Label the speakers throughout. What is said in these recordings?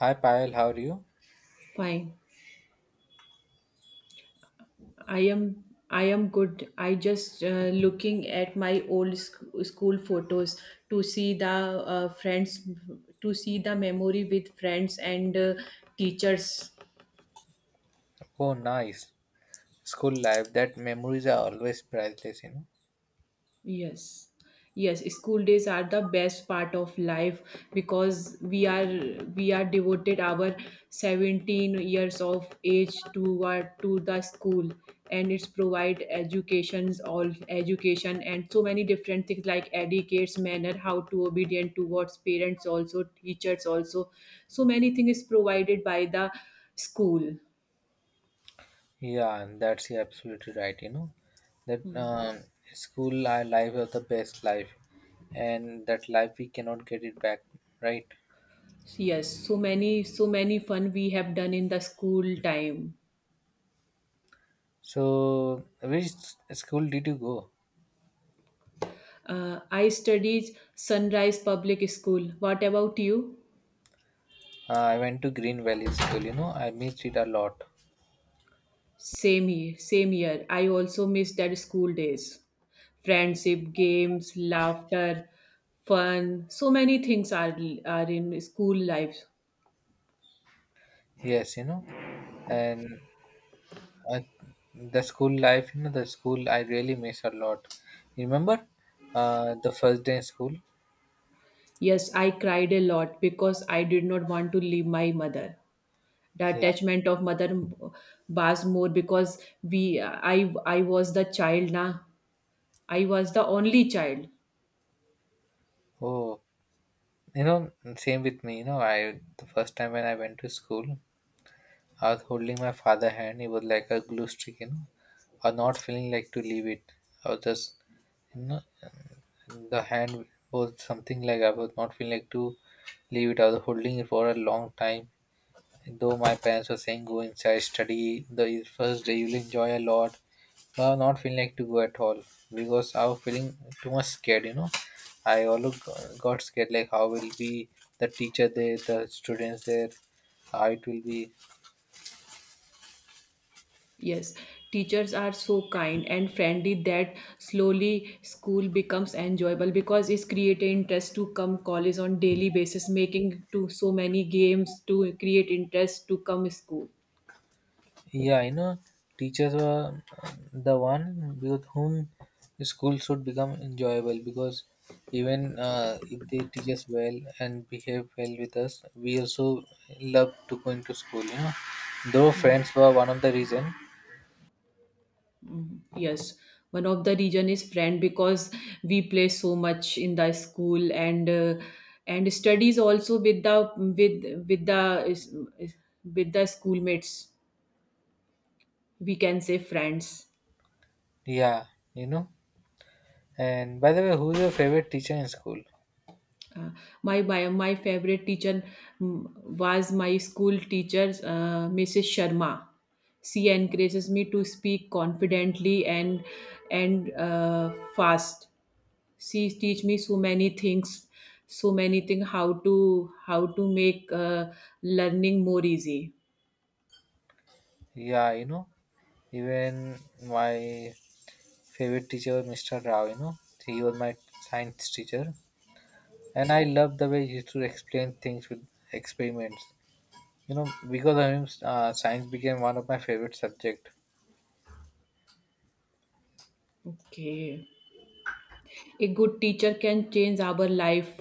Speaker 1: Hi Payal, how are you?
Speaker 2: Fine. I am I am good. I just looking at my old school photos to see the friends, to see the memory with friends and teachers.
Speaker 1: Oh, nice. School life, that memories are always priceless, you know.
Speaker 2: Yes. Yes, school days are the best part of life because we are devoted our 17 years of age toward to the school, and it's provide educations all education and so many different things like educates manner how to obedient towards parents also teachers also, so many things is provided by the school.
Speaker 1: Yeah, and that's you're absolutely right, you know. That
Speaker 2: Hmm.
Speaker 1: School life was the best life, and that life we cannot get it back, right?
Speaker 2: Yes, so many fun we have done in the school time.
Speaker 1: So, which school did you go?
Speaker 2: I studied Sunrise Public School. What about you?
Speaker 1: I went to Green Valley School, you know. I missed it a lot.
Speaker 2: Same here, same year. I also miss that school days. Friendship, games, laughter, fun. So many things are in school life.
Speaker 1: Yes, you know. And I, the school life, you know, the school I really miss a lot. Remember, the first day in school?
Speaker 2: Yes, I cried a lot because I did not want to leave my mother. The
Speaker 1: Yeah.
Speaker 2: attachment of mother was more because we I was the child now. I was the only child.
Speaker 1: Oh, you know, same with me. You know, I the first time when I went to school, I was holding my father hand. He was like a glue stick, you know. I was not feeling like to leave it. I was just, you know, the hand was something like I was not feeling like to leave it. I was holding it for a long time. Though my parents were saying go inside, study the first day, you'll enjoy a lot. Now not feeling like to go at all because I was feeling too much scared. You know, I always got scared like how will be the teacher there, the students there, how it will be.
Speaker 2: Yes, teachers are so kind and friendly that slowly school becomes enjoyable because it's create interest to come college on daily basis, making to so many games to create interest to come school.
Speaker 1: Yeah, you know, teachers were the one with whom school should become enjoyable because even if they teach us well and behave well with us, we also love to go into school, you know. Though
Speaker 2: Mm.
Speaker 1: friends were one of the reason.
Speaker 2: Yes, one of the reason is friend because we play so much in the school, and studies also with the with the schoolmates. We can say friends.
Speaker 1: Yeah, you know. And by the way, who's your favorite teacher in school?
Speaker 2: Uh, my favorite teacher mm, was my school teacher, Mrs. Sharma. She encourages me to speak confidently and fast. She teach me so many things how to make learning more easy.
Speaker 1: Yeah, you know, even my favorite teacher was Mr. Rao, you know. He was my science teacher. And I love the way he used to explain things with experiments. You know, because of him, science became one of my favorite subject.
Speaker 2: Okay. A good teacher can change our life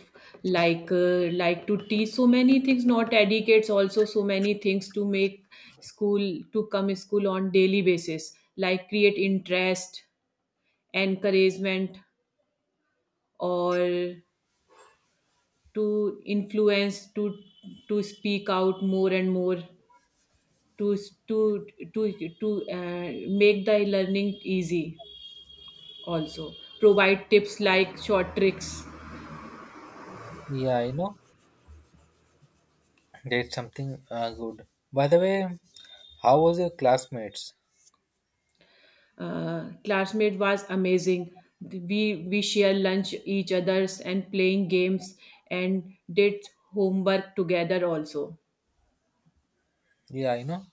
Speaker 2: like to teach so many things not educates also so many things to make school to come school on daily basis like create interest, encouragement, or to influence to speak out more and more to to to to make the learning easy, also provide tips like short tricks.
Speaker 1: Yeah, you know, that's something good. By the way, how was your classmates?
Speaker 2: Classmate was amazing. We share lunch each others and playing games, and did homework together also.
Speaker 1: Yeah, you know,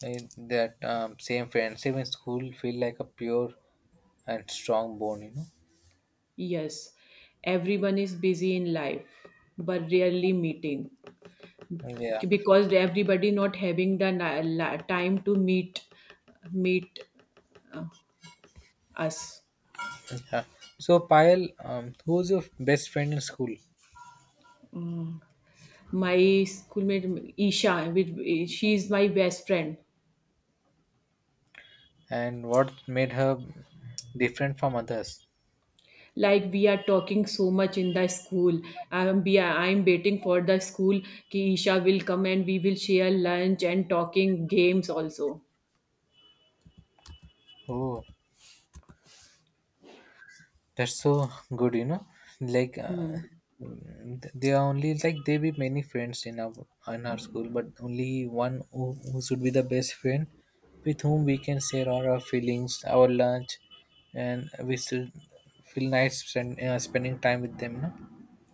Speaker 1: I, that same friendship in school feel like a pure and strong bond. You know.
Speaker 2: Yes, everyone is busy in life, but rarely meeting
Speaker 1: Yeah.
Speaker 2: because everybody not having the time to meet us.
Speaker 1: Yeah. So, Payal, who was your best friend in school,
Speaker 2: My schoolmate Isha, she is my best friend.
Speaker 1: and what made her different from others?
Speaker 2: Like we are talking so much in the school. I'm waiting for the school ki Isha will come and we will share lunch and talking games also.
Speaker 1: Oh. That's so good, you know. Like uh,
Speaker 2: Hmm.
Speaker 1: mm, th- they are only like there be many friends in our school, but only one who should be the best friend with whom we can share all our feelings, our lunch, and we should feel nice spend, spending time with them. No?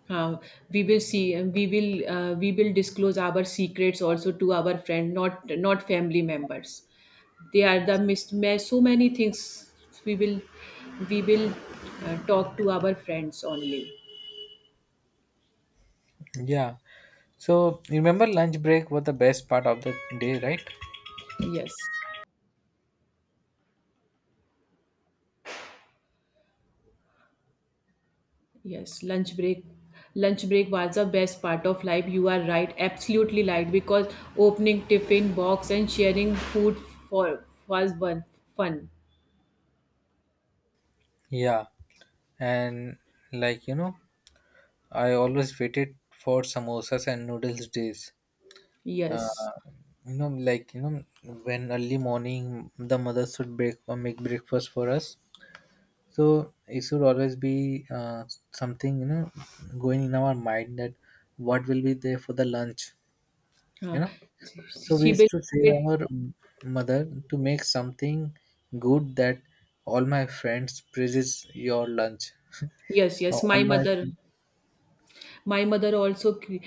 Speaker 2: Uh, we will disclose our secrets also to our friend, not family members. They are the mismatch so many things. We will we will uh, talk to our friends only.
Speaker 1: Yeah. So you remember lunch break was the best part of the day, right?
Speaker 2: Yes. Yes, lunch break. Lunch break was the best part of life. You are right, absolutely right. Because opening tiffin box and sharing food for was one fun.
Speaker 1: Yeah, and like you know, I always waited for samosas and noodles days.
Speaker 2: Yes,
Speaker 1: uh, you know like you know when early morning the mother should break or make breakfast for us so it should always be something you know going in our mind that what will be there for the lunch you
Speaker 2: uh,
Speaker 1: know
Speaker 2: she, she
Speaker 1: so we
Speaker 2: she will.
Speaker 1: used to say our mother to make something good that all my friends praises your lunch
Speaker 2: Yes,
Speaker 1: or
Speaker 2: yes. My
Speaker 1: all my.
Speaker 2: mother. My mother also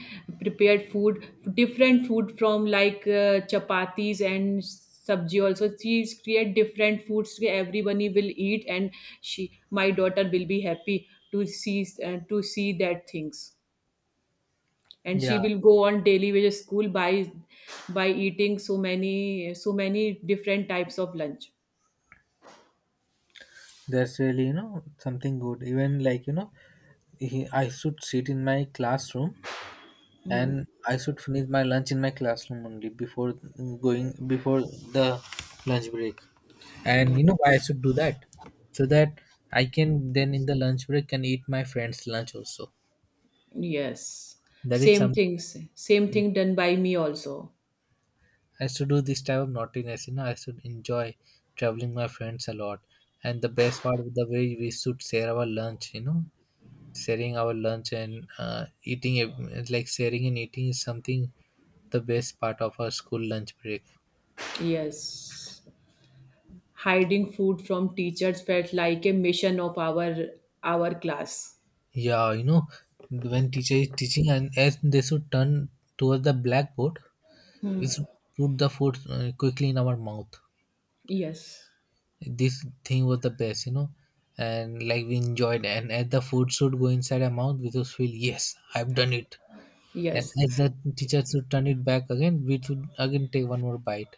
Speaker 2: prepared food, different food from like chapatis and sabji also. She create different foods that everyone will eat, and she my daughter will be happy to see that things, and she
Speaker 1: Yeah,
Speaker 2: will go on daily basis school by eating so many different types of lunch.
Speaker 1: that's really you know something good even like you know I should sit in my classroom
Speaker 2: Mm,
Speaker 1: and I should finish my lunch in my classroom only before going before the lunch break.
Speaker 2: yeah.
Speaker 1: And you know why I should do that? So that I can then in the lunch break can eat my friend's lunch also.
Speaker 2: Yes,
Speaker 1: That is
Speaker 2: same
Speaker 1: something
Speaker 2: things same thing done by me also.
Speaker 1: I should do this type of naughtiness, you know, I should enjoy traveling my friends a lot. And the best part of the way we should share our lunch, you know, sharing our lunch and eating, like sharing and eating is something the best part of our school lunch break.
Speaker 2: Yes. Hiding food from teachers felt like a mission of our class.
Speaker 1: Yeah, you know, when teacher is teaching and as they should turn towards the blackboard, we should put the food quickly in our mouth.
Speaker 2: Yes.
Speaker 1: This thing was the best, you know, and like we enjoyed. And as the food should go inside our mouth, we just feel yes, I've done it. And
Speaker 2: Yes.
Speaker 1: as the teacher should turn it back again, we should again take one more bite.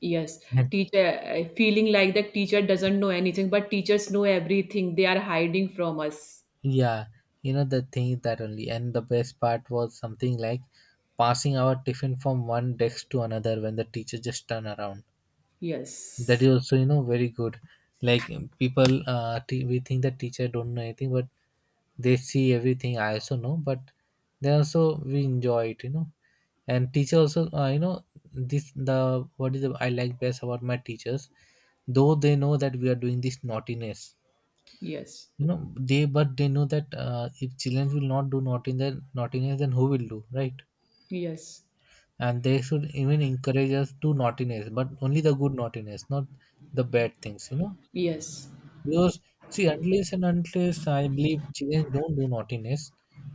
Speaker 2: Yes.
Speaker 1: And
Speaker 2: Teacher, feeling like the teacher doesn't know anything, but teachers know everything. They are hiding from us.
Speaker 1: yeah, you know the thing is that only. And the best part was something like passing our tiffin from one desk to another when the teacher just turned around, that is
Speaker 2: Yes.
Speaker 1: also you know very good like people we think that teacher don't know anything but they see everything I also know but they also we enjoy it you know and teacher also you know this the what is the I like best about my teachers though they know that we are doing this naughtiness
Speaker 2: Yes.
Speaker 1: you know they but they know that if children will not do naughtiness naughtiness then who will do right
Speaker 2: Yes.
Speaker 1: and they should even encourage us to naughtiness but only the good naughtiness not the bad things you know.
Speaker 2: Yes.
Speaker 1: Because see, unless and unless I believe children don't do naughtiness,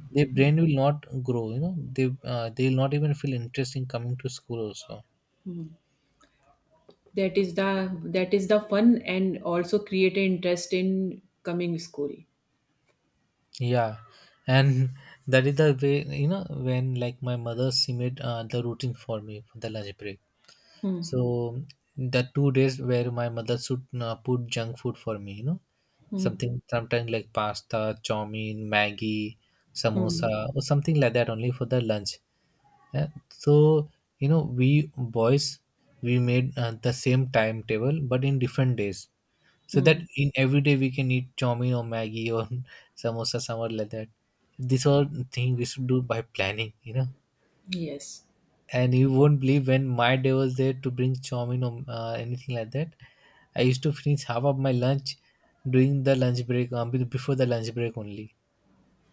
Speaker 1: their brain will not grow. You know, they will not even feel interest in coming to school. Also,
Speaker 2: That is the fun and also create an interest in coming school.
Speaker 1: yeah, and that is the way. You know, when like my mother, she made the routine for me for the lunch break. So the 2 days where my mother should put junk food for me. You know,
Speaker 2: Hmm.
Speaker 1: something sometimes like pasta, chow mein, Maggie,
Speaker 2: Hmm.
Speaker 1: samosa, or something like that only for the lunch. Yeah, so you know we boys we made the same timetable but in different days so that
Speaker 2: Hmm.
Speaker 1: in every day we can eat chomin or maggie or samosa somewhere like that this all thing we should do by planning you know
Speaker 2: Yes.
Speaker 1: and you won't believe when my day was there to bring chomin or anything like that I used to finish half of my lunch during the lunch break before the lunch break only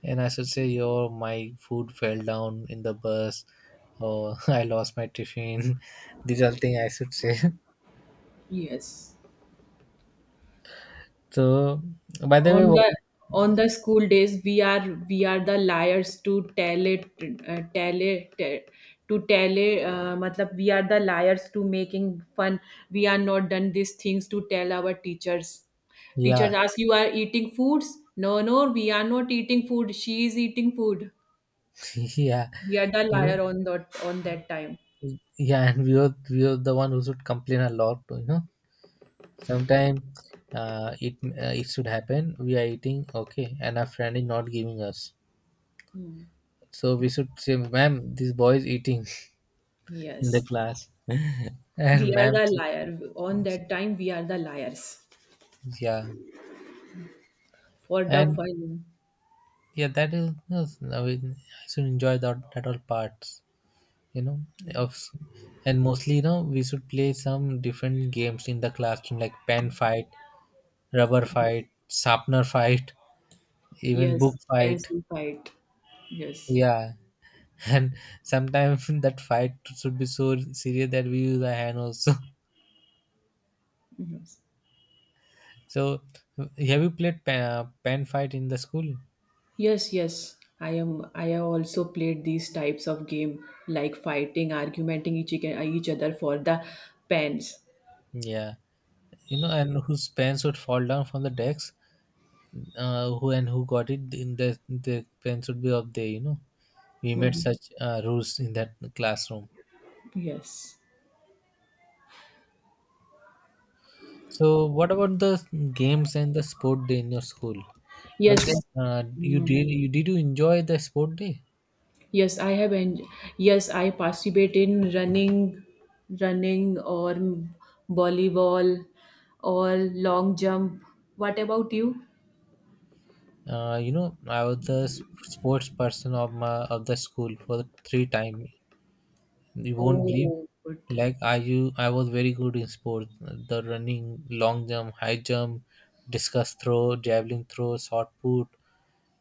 Speaker 1: and I should say, "Yo, my food fell down in the bus," or "I lost my tiffin." These are things I should say.
Speaker 2: Yes.
Speaker 1: So, by the way,
Speaker 2: on
Speaker 1: what,
Speaker 2: the on the school days, we are the liars uh, tell it te- to tell it, matlab we are the liars to making fun. We are not done these things to tell our teachers.
Speaker 1: yeah,
Speaker 2: Teachers ask you are eating foods. No, no, we are not eating food, she is eating food.
Speaker 1: yeah,
Speaker 2: We are the
Speaker 1: you know,
Speaker 2: liar on that time.
Speaker 1: yeah, and we are the one who should complain a lot. You know, sometimes it should happen. We are eating okay, and our friend is not giving us.
Speaker 2: Hmm.
Speaker 1: So we should say, "Ma'am, this boy is eating in the
Speaker 2: Yes,
Speaker 1: class," and
Speaker 2: we are
Speaker 1: ma'am,
Speaker 2: the liar on that time. We are the liars
Speaker 1: yeah,
Speaker 2: for the
Speaker 1: and
Speaker 2: fun.
Speaker 1: yeah that is no, I mean, I should enjoy that that all parts you know of and mostly you know we should play some different games in the classroom like pen fight rubber fight sharpener fight even book
Speaker 2: Yes,
Speaker 1: fight
Speaker 2: pencil fight. Yes.
Speaker 1: yeah and sometimes that fight should be so serious that we use our hand also.
Speaker 2: Yes.
Speaker 1: So have you played pen, pen fight in the school
Speaker 2: Yes, yes. I have also played these types of game like fighting, argumenting each other for the pens.
Speaker 1: yeah you know and whose pens would fall down from the decks who and who got it in the pen should be up there you know we made
Speaker 2: Mhm.
Speaker 1: such rules in that classroom
Speaker 2: Yes.
Speaker 1: so what about the games and the sport day in your school and then
Speaker 2: Yes.
Speaker 1: you
Speaker 2: Mm.
Speaker 1: did you enjoy the sport day.
Speaker 2: Yes, I participate in running or volleyball, or long jump. What about you?
Speaker 1: You know i was the sports person of my of the school for three time. You won't. Yeah. Believe,
Speaker 2: Oh, good.
Speaker 1: like I was very good in sports. The running, long jump, high jump, discus throw, javelin throw, shot put,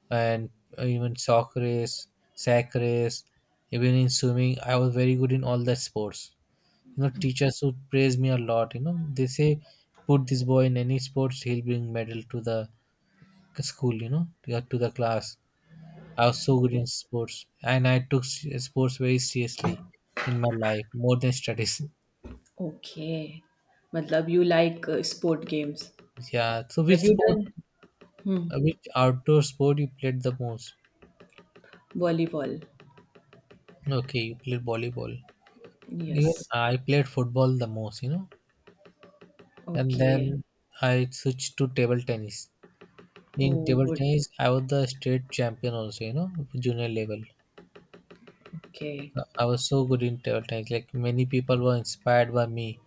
Speaker 1: and even sock race, sack race. Even in swimming, I was very good in all the sports. You know, teachers would praise me a lot. You know, they say, put this boy in any sports, he'll bring medal to the school. You know, to the class I was so good in sports, and I took sports very seriously in my life, more than studies.
Speaker 2: Okay. Matlab you like sport games.
Speaker 1: Yeah. So,
Speaker 2: Have
Speaker 1: which
Speaker 2: you
Speaker 1: sport,
Speaker 2: done hmm,
Speaker 1: which outdoor sport you played the most?
Speaker 2: volleyball?
Speaker 1: Okay, you played volleyball. Even
Speaker 2: Yes.
Speaker 1: I played football the most, you know. And
Speaker 2: Okay.
Speaker 1: then I switched to table tennis. In
Speaker 2: Oh,
Speaker 1: table
Speaker 2: good.
Speaker 1: tennis, I was the state champion also, you know, junior level.
Speaker 2: Okay.
Speaker 1: I was so good in table tennis. Like many people were inspired by me,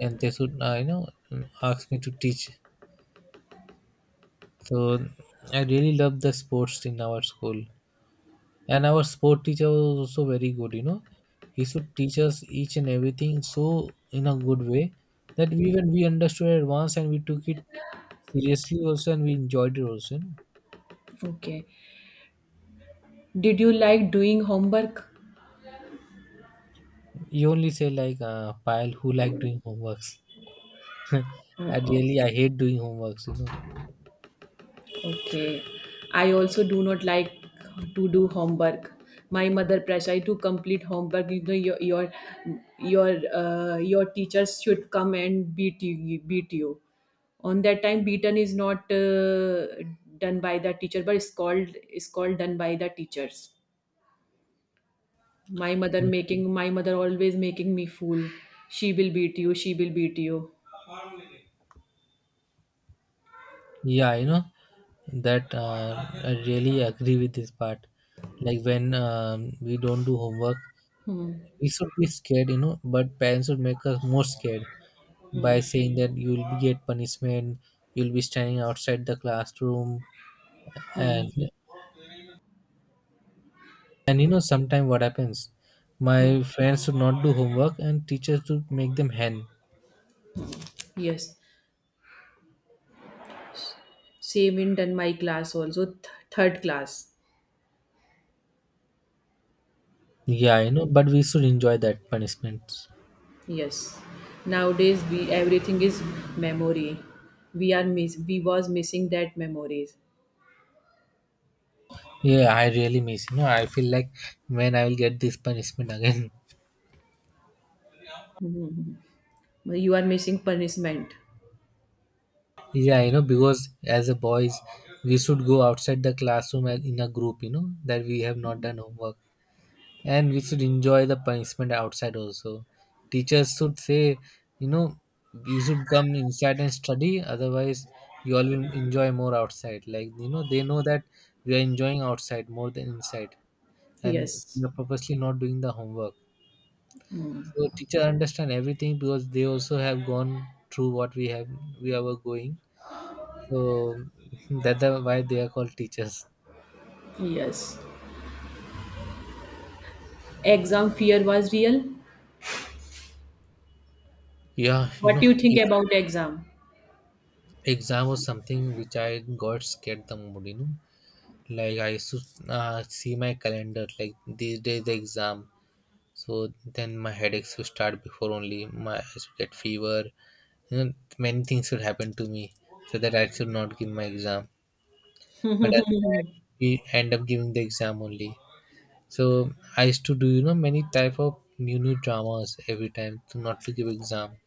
Speaker 1: and they should, you know, ask me to teach. So I really loved the sports in our school. And our sport teacher was also very good, you know. He should teach us each and everything so in a good way that we even we understood at once and we took it seriously also and we enjoyed it also. You know?
Speaker 2: Okay. Did you like doing homework?
Speaker 1: You only say like pile who like doing homeworks. I
Speaker 2: Oh, oh.
Speaker 1: really I hate doing homeworks, you
Speaker 2: Okay. I also do not like to do homework. My mother pressure I to complete homework. You know, your your teachers should come and beat you. Beat you. On that time, beaten is not done by the teacher, but it's called done by the teachers.
Speaker 1: know.
Speaker 2: My mother always making me fool. She will beat you. She will beat you.
Speaker 1: Yeah, you know that I really agree with this part. Like when we don't do homework,
Speaker 2: Hmm.
Speaker 1: we should be scared, you know, but parents would make us more scared by
Speaker 2: Hmm.
Speaker 1: saying that you'll get punishment, you'll be standing outside the classroom, and
Speaker 2: Hmm.
Speaker 1: and you know, sometimes what happens,
Speaker 2: Hmm.
Speaker 1: my friends should not do homework, and teachers would make them hand.
Speaker 2: Yes. Same in done my class also, third class.
Speaker 1: Yeah, you know, but we should enjoy that punishment.
Speaker 2: Yes, nowadays we everything is memory. We was missing that memories.
Speaker 1: Yeah, I really miss. You know, I feel like when I will get this punishment again.
Speaker 2: You are missing punishment.
Speaker 1: Yeah, you know, because as a boys, we should go outside the classroom and in a group. You know that we have not done homework. And we should enjoy the punishment outside also. Teachers should say, you know, you should come inside and study, otherwise you all will enjoy more outside. Like, you know, they know that we are enjoying outside more than inside, and
Speaker 2: Yes.
Speaker 1: we are purposely not doing the homework. So teacher understand everything because they also have gone through what we have, we are going. So why they are called teachers.
Speaker 2: Yes, exam fear was real.
Speaker 1: Yeah, you
Speaker 2: What
Speaker 1: know,
Speaker 2: do you
Speaker 1: if
Speaker 2: think about exam?
Speaker 1: exam was something which I got scared, the mood, you know. Like I used to see my calendar, like these days the exam. So then my headaches would start before only, my I should get fever. You know, many things would happen to me so that I should not give my exam. But at that, we end up giving the exam only. So I used to do, you know, many type of new dramas every time to not to give exam.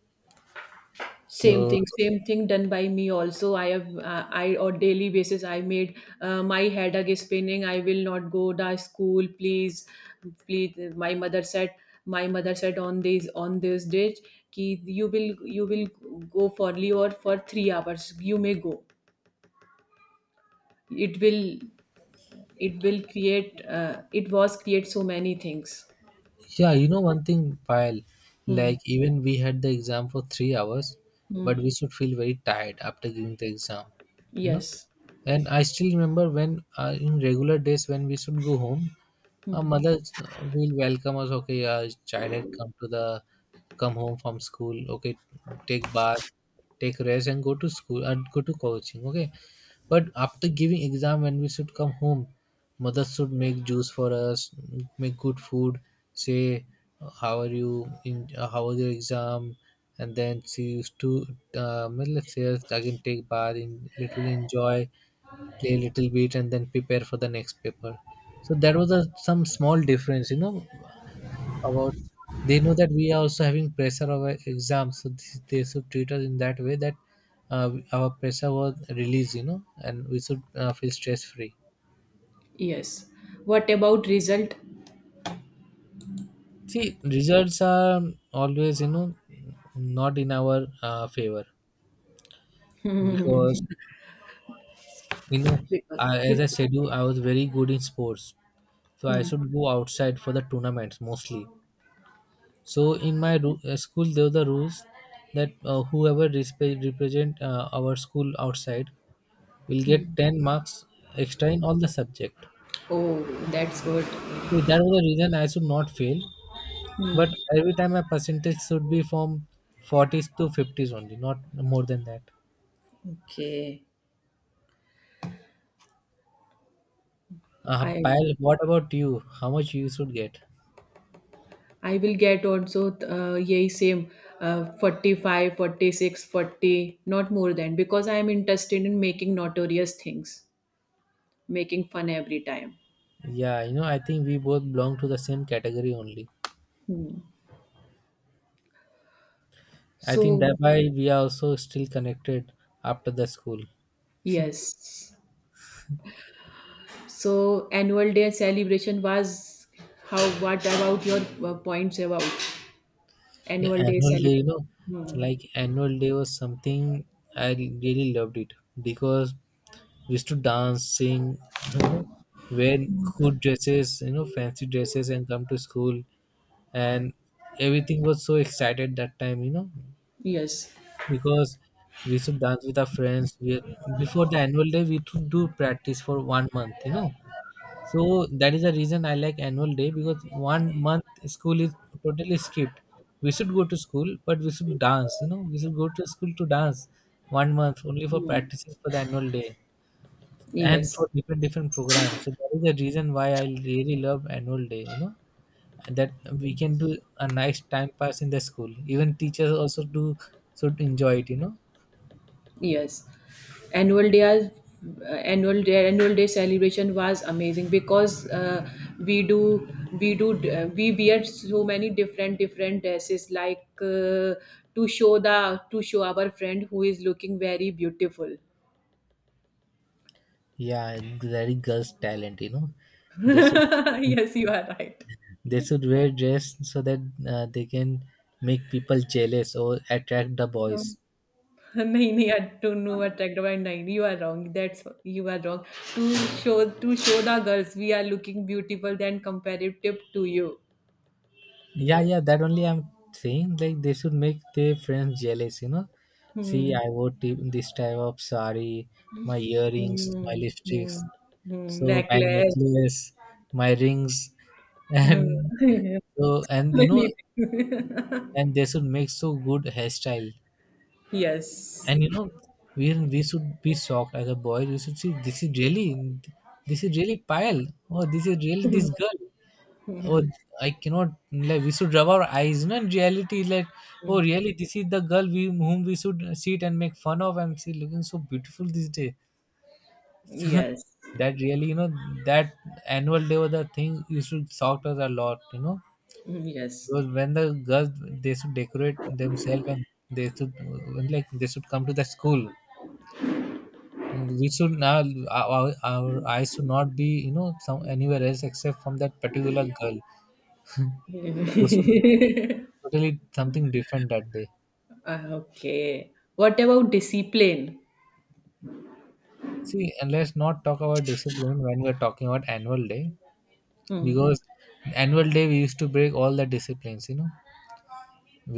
Speaker 2: same
Speaker 1: So
Speaker 2: thing same thing done by me also. I on daily basis I made my head again spinning. I will not go to school, please. Please my mother said. On this day ki you will go for leave or for 3 hours you may go. It will it will create it was create so many things.
Speaker 1: yeah, you know, one thing, while,
Speaker 2: Hmm.
Speaker 1: like, even we had the exam for 3 hours,
Speaker 2: Hmm.
Speaker 1: but we should feel very tired after giving the exam, you know.
Speaker 2: Yes.
Speaker 1: And I still remember when in regular days when we should go home, our mothers will welcome us. Okay, our child had come to the come home from school. Okay, take bath, take rest, and go to school and go to coaching. Okay, but after giving exam, when we should come home, mother should make juice for us, make good food. Say, how are you? In how was your exam? And then she used to, let's say, us again take bath, in, literally enjoy, play a little bit and then prepare for the next paper. So that was a, some small difference, you know, about, they know that we are also having pressure of our exams, so this, they should treat us in that way that our pressure was released, you know, and we should feel stress free.
Speaker 2: Yes, what about result?
Speaker 1: See, results are always, you know, not in our favor, because, you know,
Speaker 2: because,
Speaker 1: I, as
Speaker 2: because
Speaker 1: I said you, I was very good in sports, so I
Speaker 2: hmm.
Speaker 1: should go outside for the tournaments mostly. So in my school, there were the rules that whoever represent our school outside will get 10 marks extra in all the subject.
Speaker 2: Oh, that's good.
Speaker 1: So
Speaker 2: Hmm.
Speaker 1: that was the reason I should not fail. But every time my percentage should be from 40s to 50s only, not more than that.
Speaker 2: Okay, I
Speaker 1: Payal, what about you? How much you should get?
Speaker 2: I will get also यही same, 45, 46, 40. Not more than, because I am interested in making notorious things, making fun every time.
Speaker 1: Yeah, you know, I think we both belong to the same category only.
Speaker 2: Hmm.
Speaker 1: I think
Speaker 2: So,
Speaker 1: that why we are also still connected after the school.
Speaker 2: yes. So, annual day celebration was how, what about your points about
Speaker 1: Yeah,
Speaker 2: annual day
Speaker 1: annual day, you
Speaker 2: celebration?
Speaker 1: know,
Speaker 2: Hmm.
Speaker 1: like annual day was something I really loved it because we used to dance, sing, you know, wear good dresses, you know, fancy dresses, and come to school. And everything was so excited that time, you know,
Speaker 2: Yes,
Speaker 1: because we used to dance with our friends. We, before the annual day, we used to do practice for 1 month, you know, so that is the reason I like annual day, because 1 month school is totally skipped. We should go to school, but we should dance. You know, we should go to school to dance 1 month only for practicing for the annual day and
Speaker 2: yes.
Speaker 1: for different different programs. So that is the reason why I really love annual day. You know, and that we can do a nice time pass in the school. Even teachers also do should enjoy it. You know,
Speaker 2: Yes, annual day as- annual day celebration was amazing because we do we wear so many different dresses like to show our friend who is looking very beautiful.
Speaker 1: yeah, very girls' talent. You know, they should,
Speaker 2: Yes, you are right.
Speaker 1: they should wear dress so that they can make people jealous or attract the
Speaker 2: No,
Speaker 1: boys.
Speaker 2: नहीं नहीं I don't know attractive and nine. You are wrong. That's you are wrong. To to show the girls we are looking beautiful than comparative to you.
Speaker 1: Yeah, yeah, that only I'm saying. Like they should make their friends jealous. You know, see,
Speaker 2: Hmm.
Speaker 1: I wore this type of sari, my earrings, my
Speaker 2: Mm,
Speaker 1: lipsticks,
Speaker 2: mm,
Speaker 1: so my
Speaker 2: necklace.
Speaker 1: necklace, my rings,
Speaker 2: Mm.
Speaker 1: and so, and you know,
Speaker 2: Many things.
Speaker 1: and they should make so good hairstyle.
Speaker 2: Yes.
Speaker 1: And you know, we should be shocked. As a boy we should see, this is really, this is really pile, oh this is really this
Speaker 2: Mm,
Speaker 1: girl, oh I cannot, like we should rub our eyes, you know, in reality like, oh really, this is the girl we whom we should sit and make fun of, and she looking so beautiful this day.
Speaker 2: yes.
Speaker 1: That really, you know, that annual day was the thing, you should shocked us a lot, you know,
Speaker 2: Mm, yes.
Speaker 1: because when the girls, they should decorate themselves and they should, like they should come to the school, we should now, our eyes should not be, you know, some anywhere else except from that particular girl. We should do totally something different that day.
Speaker 2: Ah, okay. What about discipline?
Speaker 1: See, and let's not talk about discipline when we're talking about annual day,
Speaker 2: Hmm.
Speaker 1: because annual day we used to break all the disciplines, you know,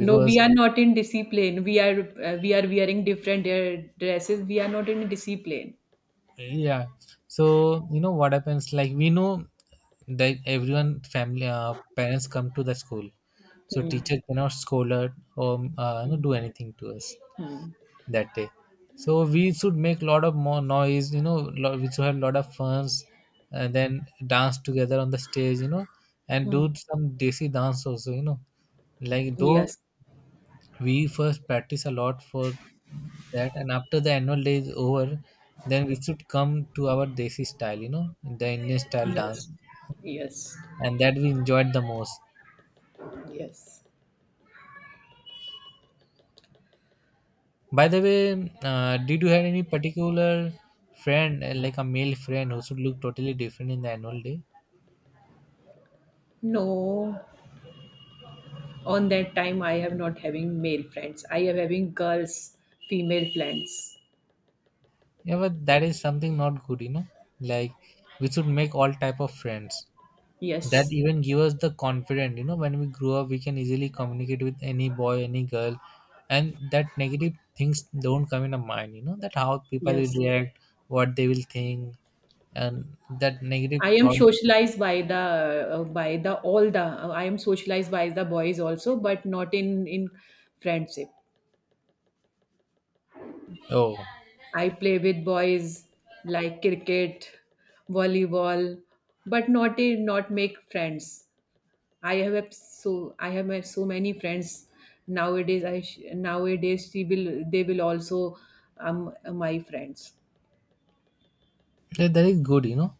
Speaker 2: No, we are not in discipline. We are wearing different dresses. We are not in discipline.
Speaker 1: yeah. So you know what happens, like we know that everyone family parents come to the school, so
Speaker 2: Hmm.
Speaker 1: teacher cannot scold us or, you know,
Speaker 2: Hmm.
Speaker 1: do anything to us
Speaker 2: Hmm.
Speaker 1: that day. So we should make lot of more noise, you know, we should have lot of funs, and then dance together on the stage, you know, and
Speaker 2: Hmm.
Speaker 1: do some desi dance also, you know, like though
Speaker 2: Yes.
Speaker 1: we first practice a lot for that, and after the annual day is over, then we should come to our desi style, you know, the Indian style
Speaker 2: Yes.
Speaker 1: dance,
Speaker 2: Yes.
Speaker 1: and that we enjoyed the most.
Speaker 2: Yes.
Speaker 1: By the way, did you have any particular friend, like a male friend who should look totally different in the annual day?
Speaker 2: No, on that time I have not having male friends. I am having girls, female friends.
Speaker 1: Yeah, but that is something not good, you know. Like we should make all type of friends. That
Speaker 2: Yes.
Speaker 1: even give us the confidence, you know. When we grow up, we can easily communicate with any boy, any girl, and that negative things don't come in our mind, you know. That how people will
Speaker 2: Yes,
Speaker 1: react, what they will think, and that negative
Speaker 2: I am
Speaker 1: thought.
Speaker 2: socialized by the all the I am socialized by the boys also, but not in friendship.
Speaker 1: Oh,
Speaker 2: I play with boys like cricket, volleyball, but not in, not make friends. I have so many friends nowadays. Nowadays she will they will also my friends.
Speaker 1: that is good, you know.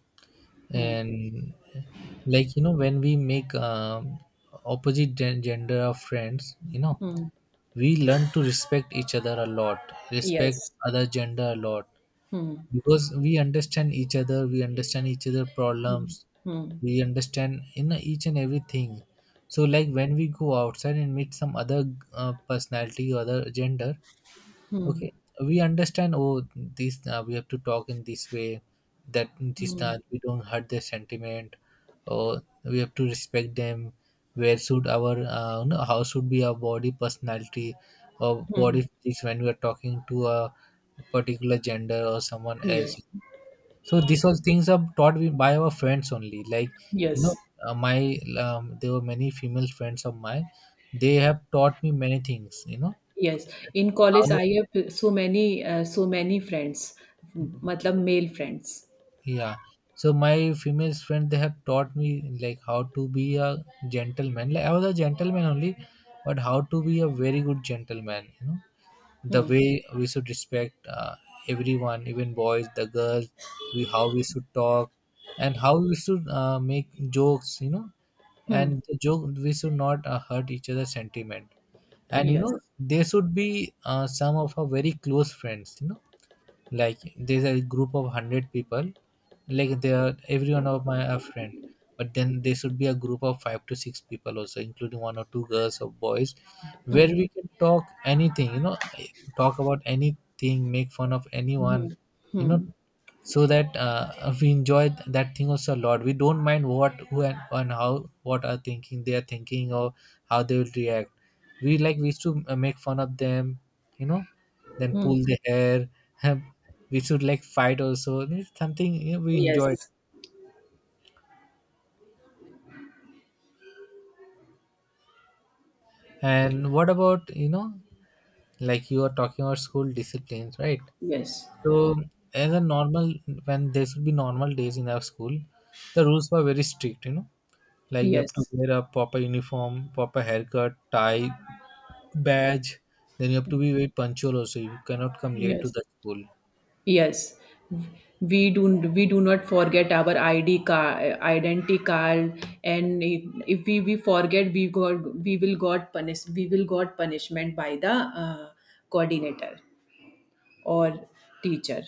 Speaker 2: Hmm.
Speaker 1: And like you know, when we make opposite gender of friends, you know,
Speaker 2: Hmm.
Speaker 1: we learn to respect each other a lot, respect
Speaker 2: Yes.
Speaker 1: other gender a lot,
Speaker 2: Hmm.
Speaker 1: because we understand each other, we understand each other
Speaker 2: Hmm.
Speaker 1: problems,
Speaker 2: Hmm.
Speaker 1: we understand in each and everything. So like when we go outside and meet some other personality or other gender, okay, we understand, oh this we have to talk in this way, that this
Speaker 2: Hmm.
Speaker 1: we don't hurt their sentiment, or we have to respect them. Where should our you know, how should be our body personality or
Speaker 2: Hmm.
Speaker 1: body physics when we are talking to a particular gender or someone else.
Speaker 2: Yes.
Speaker 1: So these all things are taught by our friends only, like, you know,
Speaker 2: Yes.
Speaker 1: my there were many female friends of mine, they have taught me many things, you know,
Speaker 2: Yes. In college,
Speaker 1: how.
Speaker 2: I have so many friends. मतलब male friends.
Speaker 1: Yeah. So my female friend they have taught me like how to be a gentleman. Like I was a gentleman only, but how to be a very good gentleman. You know the way we should respect everyone, even boys, the girls. We how we should talk and how we should make jokes. You know, and the joke we should not hurt each other's sentiment. And you
Speaker 2: Yes.
Speaker 1: know they should be some of our very close friends. You know, like there's a group of 100 people, like they are every one of my a friend, but then there should be a group of five to six people also, including one or two girls or boys, where we can talk anything, you know, talk about anything, make fun of anyone, you know, so that we enjoy that thing also a lot. We don't mind what who and how, what are thinking they are thinking, or how they will react. We, like we used to make fun of them, you know, then
Speaker 2: Hmm.
Speaker 1: pull the hair. We should like fight also. It's something, you know, we enjoyed.
Speaker 2: Yes.
Speaker 1: And what about, you know, like you are talking about school disciplines, right?
Speaker 2: Yes.
Speaker 1: So as a normal, when there should be normal days in our school, the rules were very strict, you know. Like you have to
Speaker 2: Yes.
Speaker 1: wear a proper uniform, proper haircut, tie, badge. Then you have to be very punctual also. You cannot come late to
Speaker 2: Yes.
Speaker 1: the school.
Speaker 2: Yes, we do we do not forget our ID card, identity card, and if we forget, we will got punishment by the coordinator or teacher.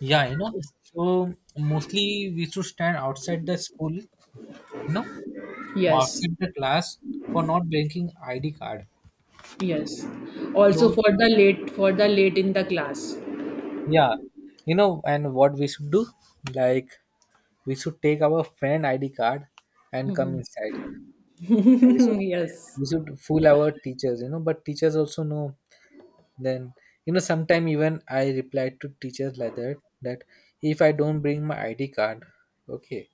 Speaker 1: Yeah, you know, so mostly we should stand outside the school, you know,
Speaker 2: Yes,
Speaker 1: outside the class for not bringing ID card.
Speaker 2: yes. Also
Speaker 1: So
Speaker 2: for the late in the class.
Speaker 1: yeah, and what we should do, like we should take our friend ID card and come inside. We should
Speaker 2: Yes.
Speaker 1: we should fool our teachers, you know, but teachers also know Then, you know, Sometime even I replied to teachers like that, that if I don't bring my ID card, okay,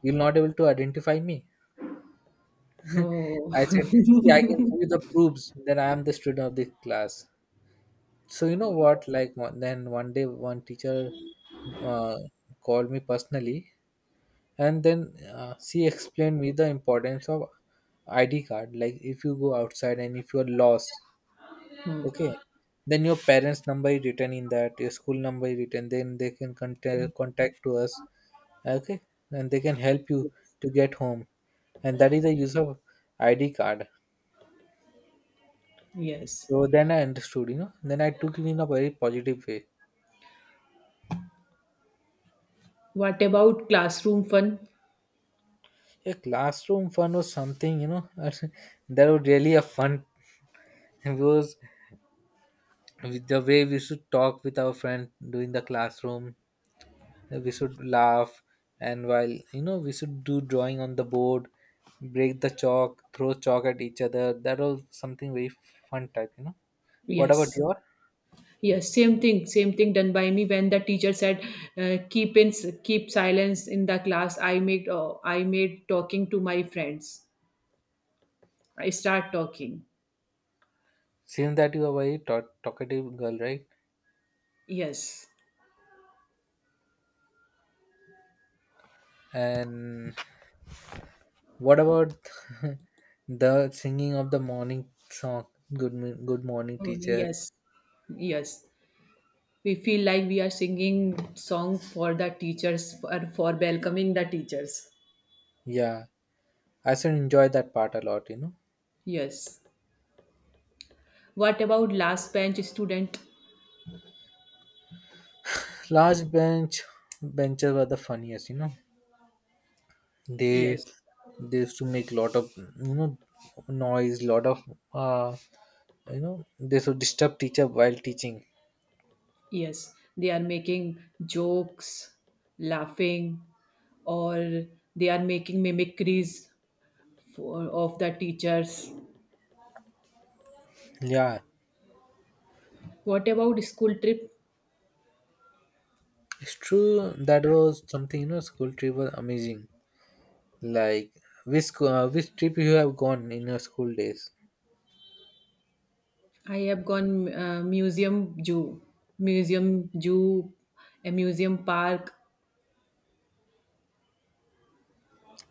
Speaker 1: you'll not able to identify me.
Speaker 2: Oh.
Speaker 1: I said, see, I can show you the proofs that I am the student of the class. So you know
Speaker 2: Oh,
Speaker 1: what?
Speaker 2: yes.
Speaker 1: Then one day, one teacher uh, called me personally, and then she explained me the importance of ID card. Like if you go outside and if you're lost, okay, then your parents' number is written in that, your school number is written, then they can contact to us. Okay. And they can help you to get home. And that is the use of ID card.
Speaker 2: Yes.
Speaker 1: So then I understood, you know. Then I took it in a very positive way.
Speaker 2: What about classroom fun?
Speaker 1: A classroom fun was something, you know, that was really a fun. It was with the way we should talk with our friend during the classroom, we should laugh, and while we should do drawing on the board, break the chalk, throw chalk at each other. That was something very fun type, you know. What about
Speaker 2: Yes.
Speaker 1: your,
Speaker 2: Yes, same thing done by me when the teacher said, "Keep in keep silence in the class." I made talking to my friends. I start talking.
Speaker 1: seems that you are a very talkative girl, right?
Speaker 2: Yes.
Speaker 1: And what about the singing of the morning song, good morning
Speaker 2: Oh,
Speaker 1: teacher.
Speaker 2: yes, yes. We feel like we are singing song for the teachers for welcoming the teachers.
Speaker 1: Yeah, I should enjoy that part a lot, you know.
Speaker 2: Yes. What about last bench student?
Speaker 1: Large bench Benches were the funniest, you know. they
Speaker 2: Yes.
Speaker 1: they used to make lot of, you know, noise, lot of, uh, you know, they should disturb teacher while teaching.
Speaker 2: Yes, they are making jokes, laughing, or they are making mimicries of the teachers.
Speaker 1: Yeah,
Speaker 2: What about school trip?
Speaker 1: it's true, that was something, you know, school trip was amazing. Like, which which trip you have gone in your school days?
Speaker 2: I have gone museum, zoo, museum zoo, a museum park.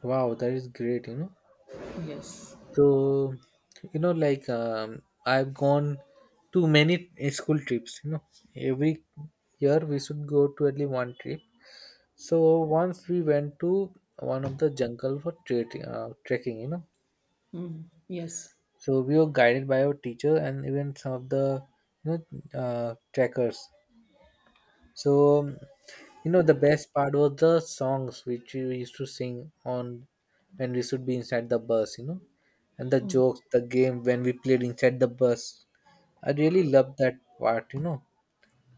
Speaker 1: Wow, that is great, you know.
Speaker 2: Yes.
Speaker 1: So, you know, like I've gone to many school trips. You know, every year we should go to at least one trip. So once we went to one of the jungle for trekking. Trekking, you know.
Speaker 2: Mm, yes.
Speaker 1: So we were guided by our teacher and even some of the, you know, trekkers. So, you know, the best part was the songs which we used to sing on when we should be inside the bus, you know, and the jokes, the game when we played inside the bus. I really loved that part, you know.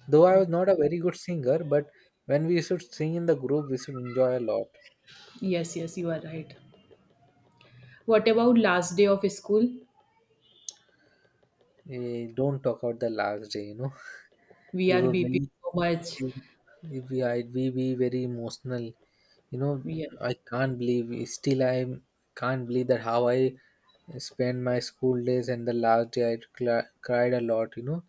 Speaker 1: Though I was not a
Speaker 2: Okay,
Speaker 1: very good singer, but when we should sing in the group, we should enjoy a lot.
Speaker 2: yes, yes. You are right. What about last day of school?
Speaker 1: Eh, don't talk about the last day, you know.
Speaker 2: We
Speaker 1: He
Speaker 2: are
Speaker 1: was
Speaker 2: beeping
Speaker 1: very
Speaker 2: so much.
Speaker 1: he, We we be very emotional, you know.
Speaker 2: Yeah.
Speaker 1: I can't believe, still I can't believe that how I spent my school days, and the last day I cried a lot, you know.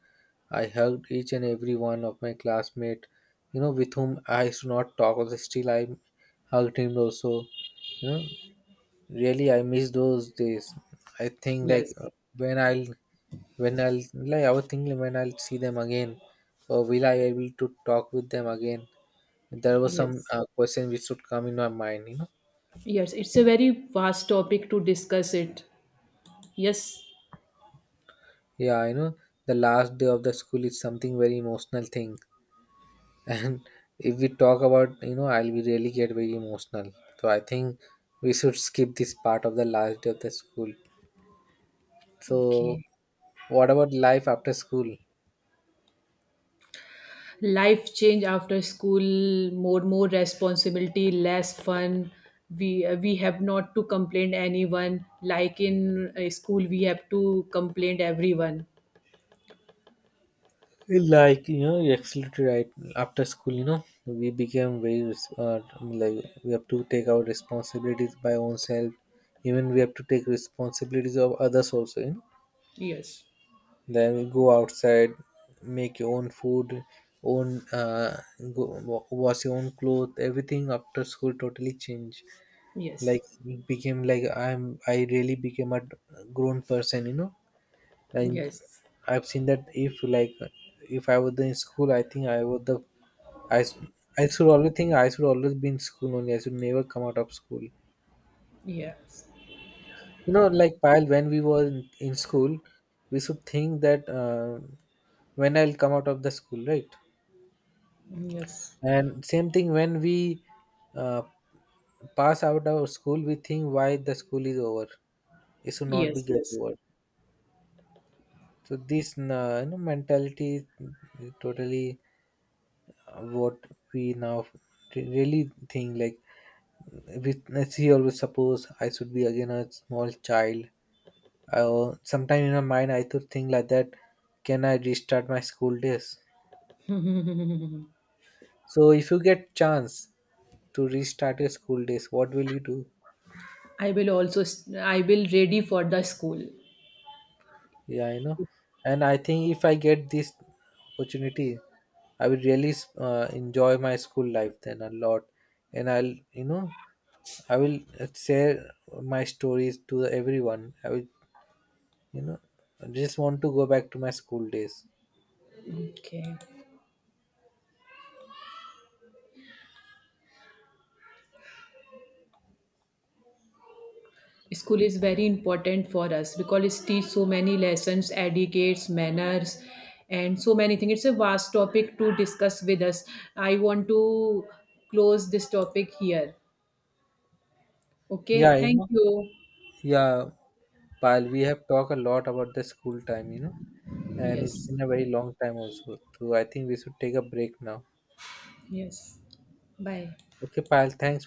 Speaker 1: I hugged each and every one of my classmate, you know, with whom I used to not talk also, still I hugged him also, you know. Really, I miss those days. I think like
Speaker 2: Yes,
Speaker 1: when i'll when I'll, like I was thinking, when I'll see them again, or will I able to talk with them again? There was some
Speaker 2: yes.
Speaker 1: question which should come in my mind, you know.
Speaker 2: Yes, it's a very vast topic to discuss it. Yes.
Speaker 1: Yeah, you know, the last day of the school is something very emotional thing, and if we talk about, you know, I'll be really get very emotional. So I think we should skip this part of the last day of the school. So
Speaker 2: Okay.
Speaker 1: what about life after school?
Speaker 2: Life change after school, more responsibility, less fun. We have not to complain anyone. Like in school, we have to complain everyone.
Speaker 1: Like you know, you're absolutely right. After school, you know, we became very like we have to take our responsibilities by ourselves. Even we have to take responsibilities of others also. You know,
Speaker 2: Yes.
Speaker 1: then we go outside, make your own food, own go, wash your own clothes. Everything after school totally changed.
Speaker 2: Yes.
Speaker 1: Like it became like I really became a grown person. You know, and
Speaker 2: Yes.
Speaker 1: I've seen that if, like, if I was in school, I think I was the I, I should always think I should always be in school only. I should never come out of school. You
Speaker 2: Yes.
Speaker 1: know, like Payal, when we were in school, we should think that when I'll come out of the school, right?
Speaker 2: Yes.
Speaker 1: And same thing when we uh, pass out of school, we think why the school is over. It should not be
Speaker 2: Yes.
Speaker 1: get
Speaker 2: Yes.
Speaker 1: over. So this you know, mentality is totally what we now really think like we, let's see, always suppose I should be again a small child. Sometime in my mind, I to think like that. Can I restart my school days? So if you get chance to restart your school days, what will you do?
Speaker 2: I will also. I will ready for the school.
Speaker 1: Yeah, I know. And I think if I get this opportunity, I will really enjoy my school life then a lot, and I'll, you know, I will share my stories to everyone. I will, you know, I just want to go back to my school days.
Speaker 2: Okay. School is very important for us because it teaches so many lessons, etiquettes, manners, and so many things. It's a vast topic to discuss with us. I want to close this topic here.
Speaker 1: Yeah,
Speaker 2: Okay,
Speaker 1: you
Speaker 2: thank
Speaker 1: know.
Speaker 2: you.
Speaker 1: Yeah, Pal, we have talked a lot about the school time. You know, and it's
Speaker 2: Yes,
Speaker 1: been a very long time also. So I think we should take a break now.
Speaker 2: yes. Bye.
Speaker 1: Okay, Payal, thanks.